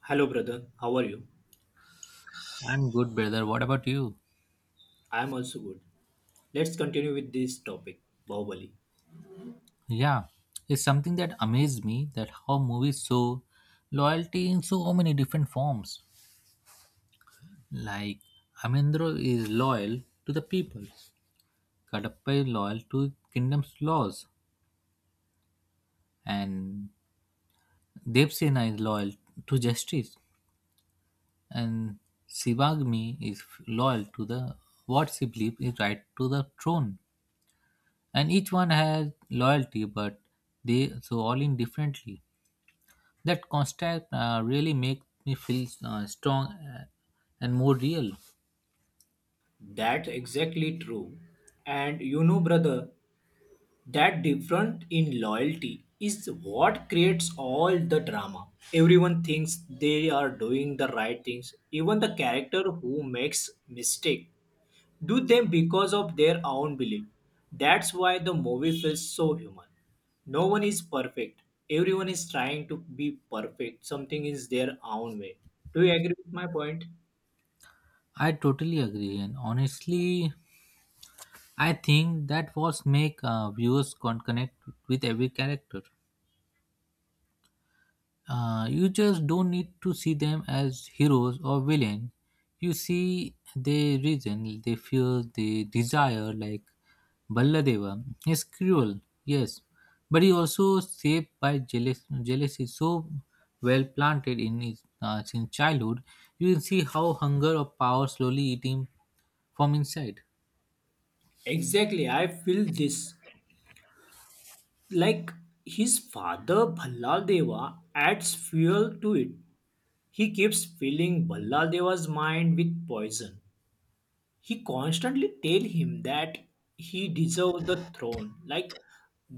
Hello, brother. How are you? I'm good, brother. What about you? I am also good. Let's continue with this topic, Bahubali. Yeah, it's something that amazed me that how movies show loyalty in so many different forms. Like, Amendro is loyal to the people, Kadapa is loyal to kingdom's laws, and Devsena is loyal to justice, and Sivagmi is loyal to the what she believes is right to the throne. And each one has loyalty, but they so all in differently. That contact really make me feel strong and more real. That's exactly true. And you know, brother, that difference in loyalty is what creates all the drama. Everyone thinks they are doing the right things. Even the character who makes mistake do them because of their own belief. That's why the movie feels so human. No one is perfect. Everyone is trying to be perfect. Something is their own way. Do you agree with my point? I totally agree, and honestly, I think that was make viewers connect with every character. You just don't need to see them as heroes or villain. You see their reason, their fear, their desire. Like Balladeva, he's cruel, yes, but he also shaped by jealousy so well planted in his since childhood. You can see how hunger or power slowly eat him from inside. Exactly. I feel this. Like his father Bhalladeva adds fuel to it. He keeps filling Bhalladeva's mind with poison. He constantly tell him that he deserves the throne, like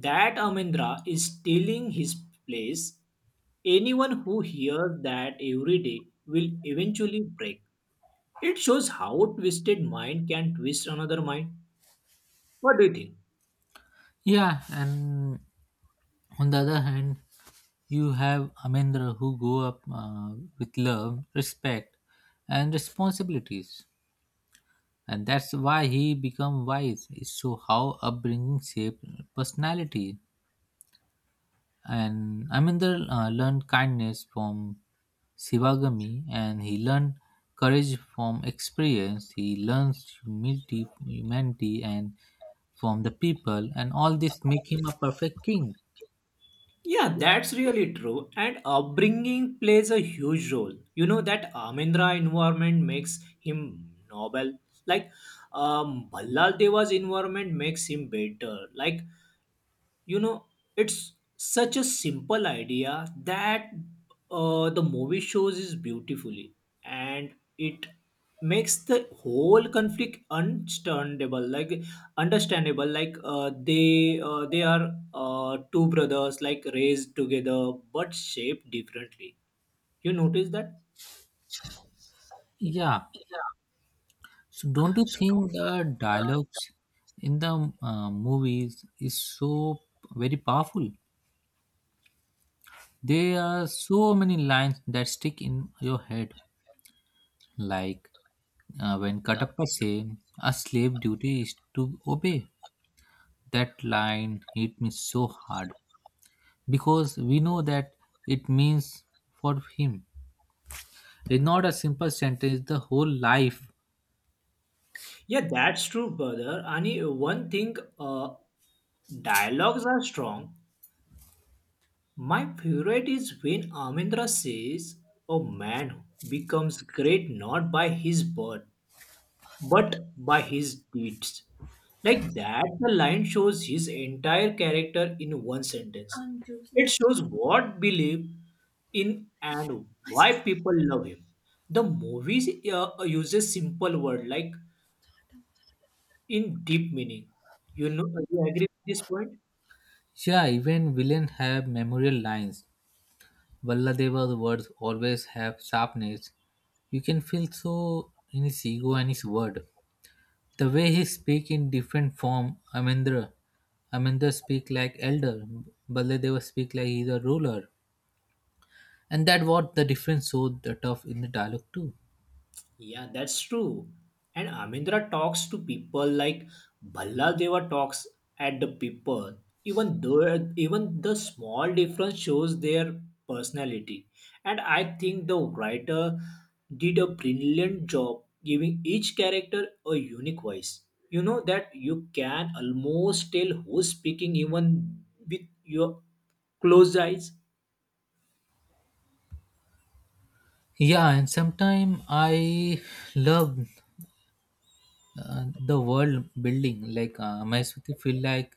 that Amendra is stealing his place. Anyone who hears that every day will eventually break. It shows how a twisted mind can twist another mind. What do you think? Yeah, and on the other hand you have amendra who grew up with love respect and responsibilities, and that's why he become wise is so how upbringing shape personality. And amendra learned kindness from Sivagami, and he learned courage from experience. He learns humility, humanity, and from the people, and all this make him a perfect king. Yeah, that's really true, and upbringing plays a huge role. You know that Amendra environment makes him noble, like Ballal Deva's environment makes him better. Like, you know, it's such a simple idea that the movie shows is beautifully, and it makes the whole conflict understandable, like understandable, like they are two brothers like raised together but shaped differently. You notice that? Yeah, so don't you think the dialogues in the movies is so very powerful? There are so many lines that stick in your head, like when Katappa say, "A slave duty is to obey." That line hit me so hard because we know that it means for him. It's not a simple sentence; the whole life Yeah, that's true, brother. And one thing, dialogues are strong. My favorite is when Amendra says, a man becomes great not by his birth, but by his deeds. Like that, the line shows his entire character in one sentence. I'm It choosing. shows what belief in and why people love him. The movie uses simple word like in deep meaning. You know, you agree with this point? Yeah, even villains have memorial lines. Valladeva's words always have sharpness. You can feel so in his ego and his word. The way he speak in different form, Amendra speak like elder, Balladeva speak like he's a ruler. And that what the difference so the tough in the dialogue too. Yeah, that's true. And Amindra talks to people like Bhalladeva talks at the people. Even though even the small difference shows their personality. And I think the writer did a brilliant job giving each character a unique voice. You know that you can almost tell who's speaking even with your closed eyes, Yeah, and sometimes I love the world building. Like Maheswati feel like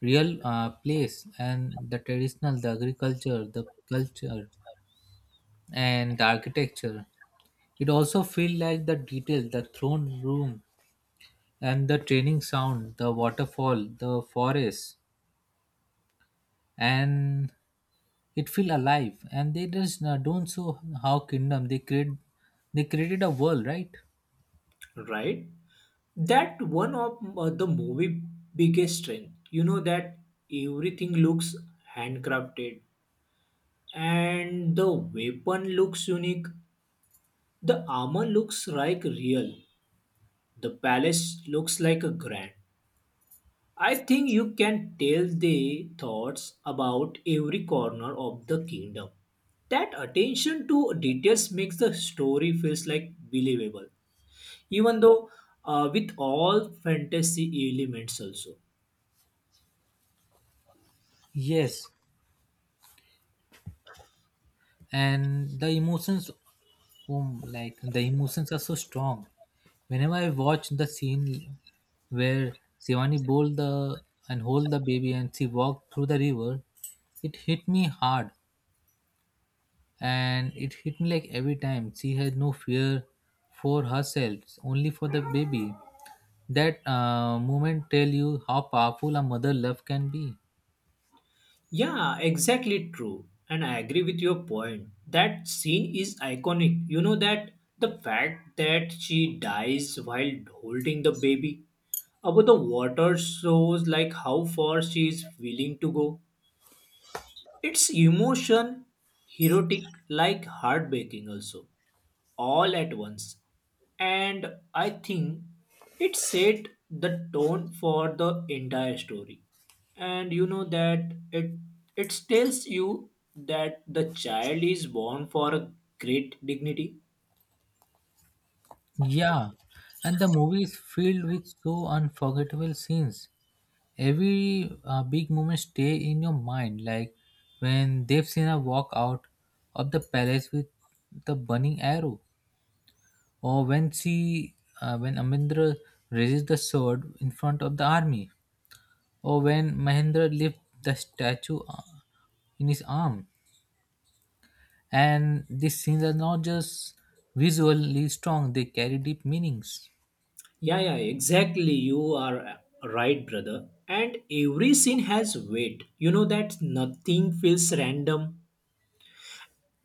real place, and the traditional, the agriculture, the culture, and the architecture. It also feels like the detail, the throne room, and the training sound, the waterfall, the forest, and it feel alive. And they just don't show how kingdom they create. They created a world, right? right? That one of the movie biggest strength. You know that everything looks handcrafted, and the weapon looks unique, the armor looks like real, the palace looks like a grand. I think you can tell the thoughts about every corner of the kingdom. That attention to details makes the story feels like believable, even though with all fantasy elements also. Yes, and the emotions, like the emotions are so strong. Whenever I watch the scene where Shivani bowled the and hold the baby and she walked through the river, it hit me hard, and it hit me like every time she has no fear for herself, only for the baby. That moment tell you how powerful a mother love can be. Yeah, exactly true. And I agree with your point. That scene is iconic. You know that the fact that she dies while holding the baby above the water shows like how far she is willing to go. It's emotion, erotic, like heartbreaking also, all at once. And I think it set the tone for the entire story. And you know that it tells you that the child is born for a great dignity. Yeah, and the movie is filled with so unforgettable scenes. Every big moment stay in your mind, like when Devsena walk out of the palace with the burning arrow, or when she when amindra raises the sword in front of the army, or when Mahendra lifts the statue in his arm. And these scenes are not just visually strong, they carry deep meanings. Yeah, yeah, exactly. You are right, brother. And every scene has weight. You know that nothing feels random.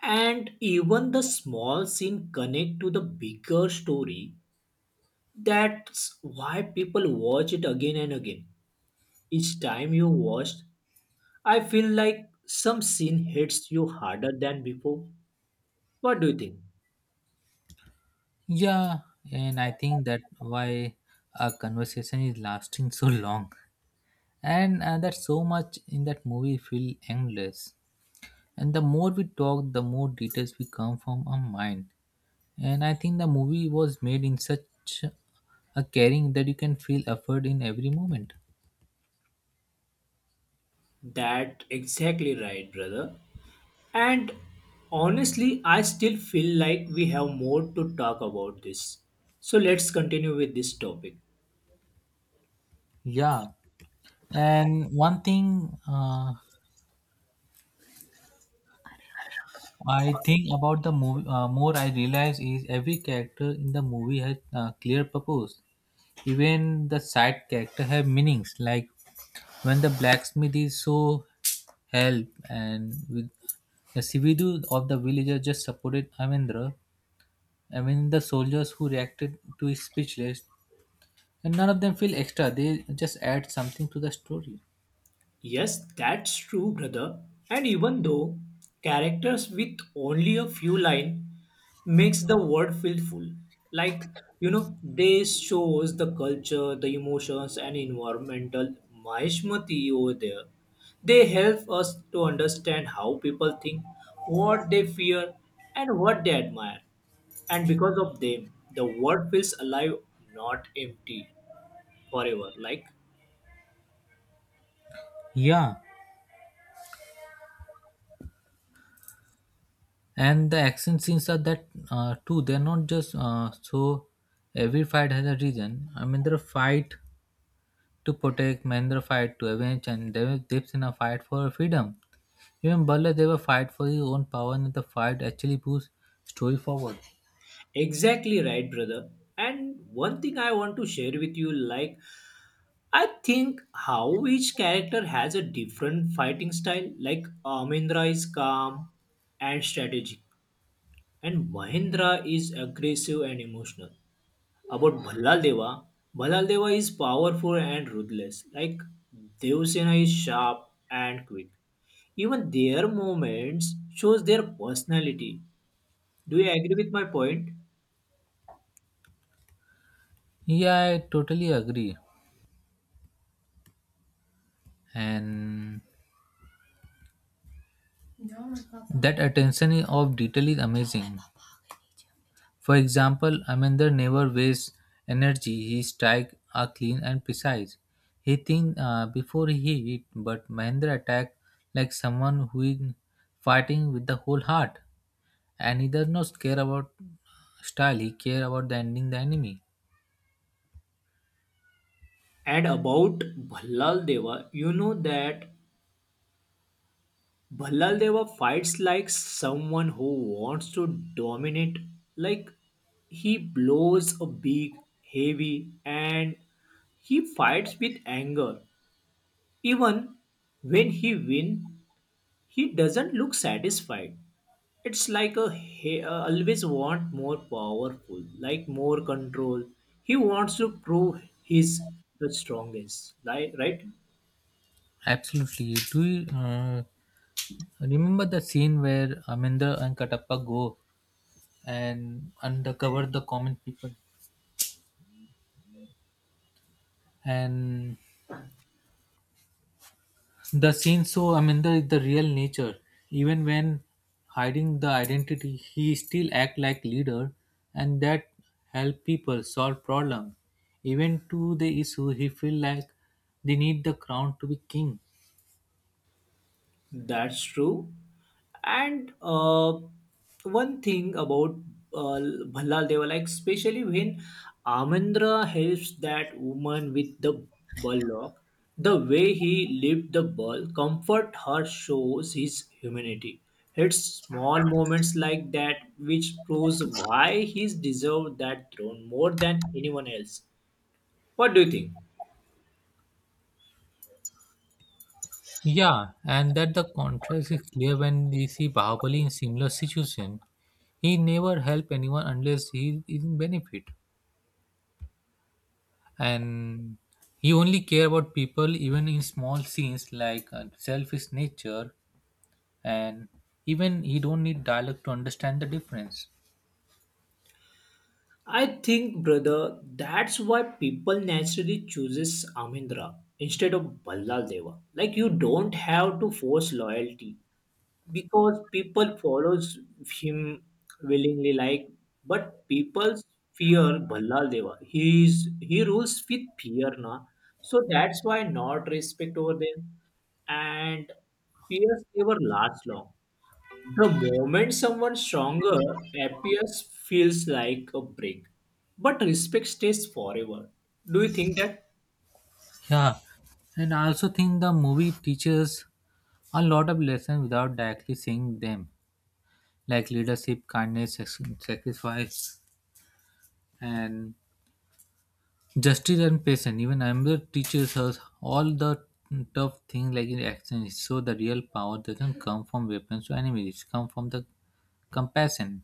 And even the small scene connect to the bigger story. That's why people watch it again and again. Each time you watched, I feel like some scene hits you harder than before. What do you think? Yeah, and I think that why our conversation is lasting so long. And that so much in that movie feel endless. And the more we talk, the more details we come from our mind. And I think the movie was made in such a caring that you can feel effort in every moment. That exactly right, brother. And honestly, I still feel like we have more to talk about this. So let's continue with this topic. Yeah, and one thing I think about the movie, more I realize is every character in the movie has clear purpose. Even the side character have meanings. Like when the blacksmith is so help, and with the Sividu of the villager just supported Amendra. I mean the soldiers who reacted to his speechless, and none of them feel extra. They just add something to the story. Yes, that's true, brother. And even though characters with only a few lines makes the world feel full. Like, you know, they shows the culture, the emotions and environmental maishmati over there. They help us to understand how people think, what they fear and what they admire. And because of them, the world feels alive, not empty forever. Like, Yeah, and the action scenes are that too, they're not just so every fight has a reason. I mean there are fight to protect Mahendra, fight to avenge, and there were dips in a fight for freedom. Even Butler they were fight for his own power, and the fight actually moves story forward. exactly right, brother. And one thing I want to share with you, like, I think how each character has a different fighting style. Like, Amindra is calm and strategic, and Mahendra is aggressive and emotional. About Bhallaldeva, Bhallaldeva is powerful and ruthless. Like, Devsena is sharp and quick. Even their movements shows their personality. Do you agree with my point? Yeah, I totally agree, and that attention of detail is amazing. For example, Amender never wastes energy. His strikes are clean and precise. He thinks before he hit, but Mahendra attack like someone who is fighting with the whole heart. And he does not care about style. He care about the ending the enemy. And about Bhallal Deva, you know that Bhallal Deva fights like someone who wants to dominate. Like, he blows a big, heavy, and he fights with anger. Even when he win, he doesn't look satisfied. It's like a he always want more powerful, like more control. He wants to prove he's the strongest, like, right? Absolutely. Do you remember the scene where Amender and Katappa go and undercover the common people? And the scene so I mean the real nature. Even when hiding the identity, he still act like leader, and that help people solve problem. Even to the issue he feel like they need the crown to be king. That's true. And one thing about uh, Bhallal Deva, like especially when Amandra helps that woman with the bullock, the way he lifts the bull, comfort her shows his humanity. It's small moments like that which proves why he's deserved that throne more than anyone else. What do you think? Yeah, and that the contrast is clear when we see Bahubali in similar situation. He never help anyone unless he is in benefit. And he only care about people even in small scenes like selfish nature, and even he don't need dialogue to understand the difference. I think, brother, that's why people naturally chooses Amindra instead of Ballal Deva. Like, you don't have to force loyalty because people follows him willingly. Like, but people fear Ballal Deva. He rules with fear, na. So that's why not respect over them, and fears never last long. The moment someone stronger appears feels like a break, but respect stays forever. Do you think that Yeah, and I also think the movie teaches a lot of lessons without directly saying them, like leadership, kindness, sacrifice, and justice and patience. Even amber teaches us all the tough things like in action, so the real power doesn't come from weapons or enemies, come from the compassion.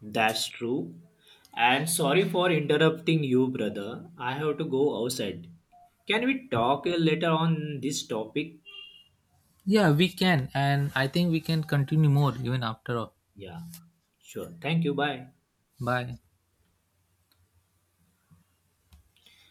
that's true? And sorry for interrupting you, brother. I have to go outside. Can we talk later on this topic? Yeah, we can, and I think we can continue more even after all. Yeah, sure. Thank you. Bye. Bye.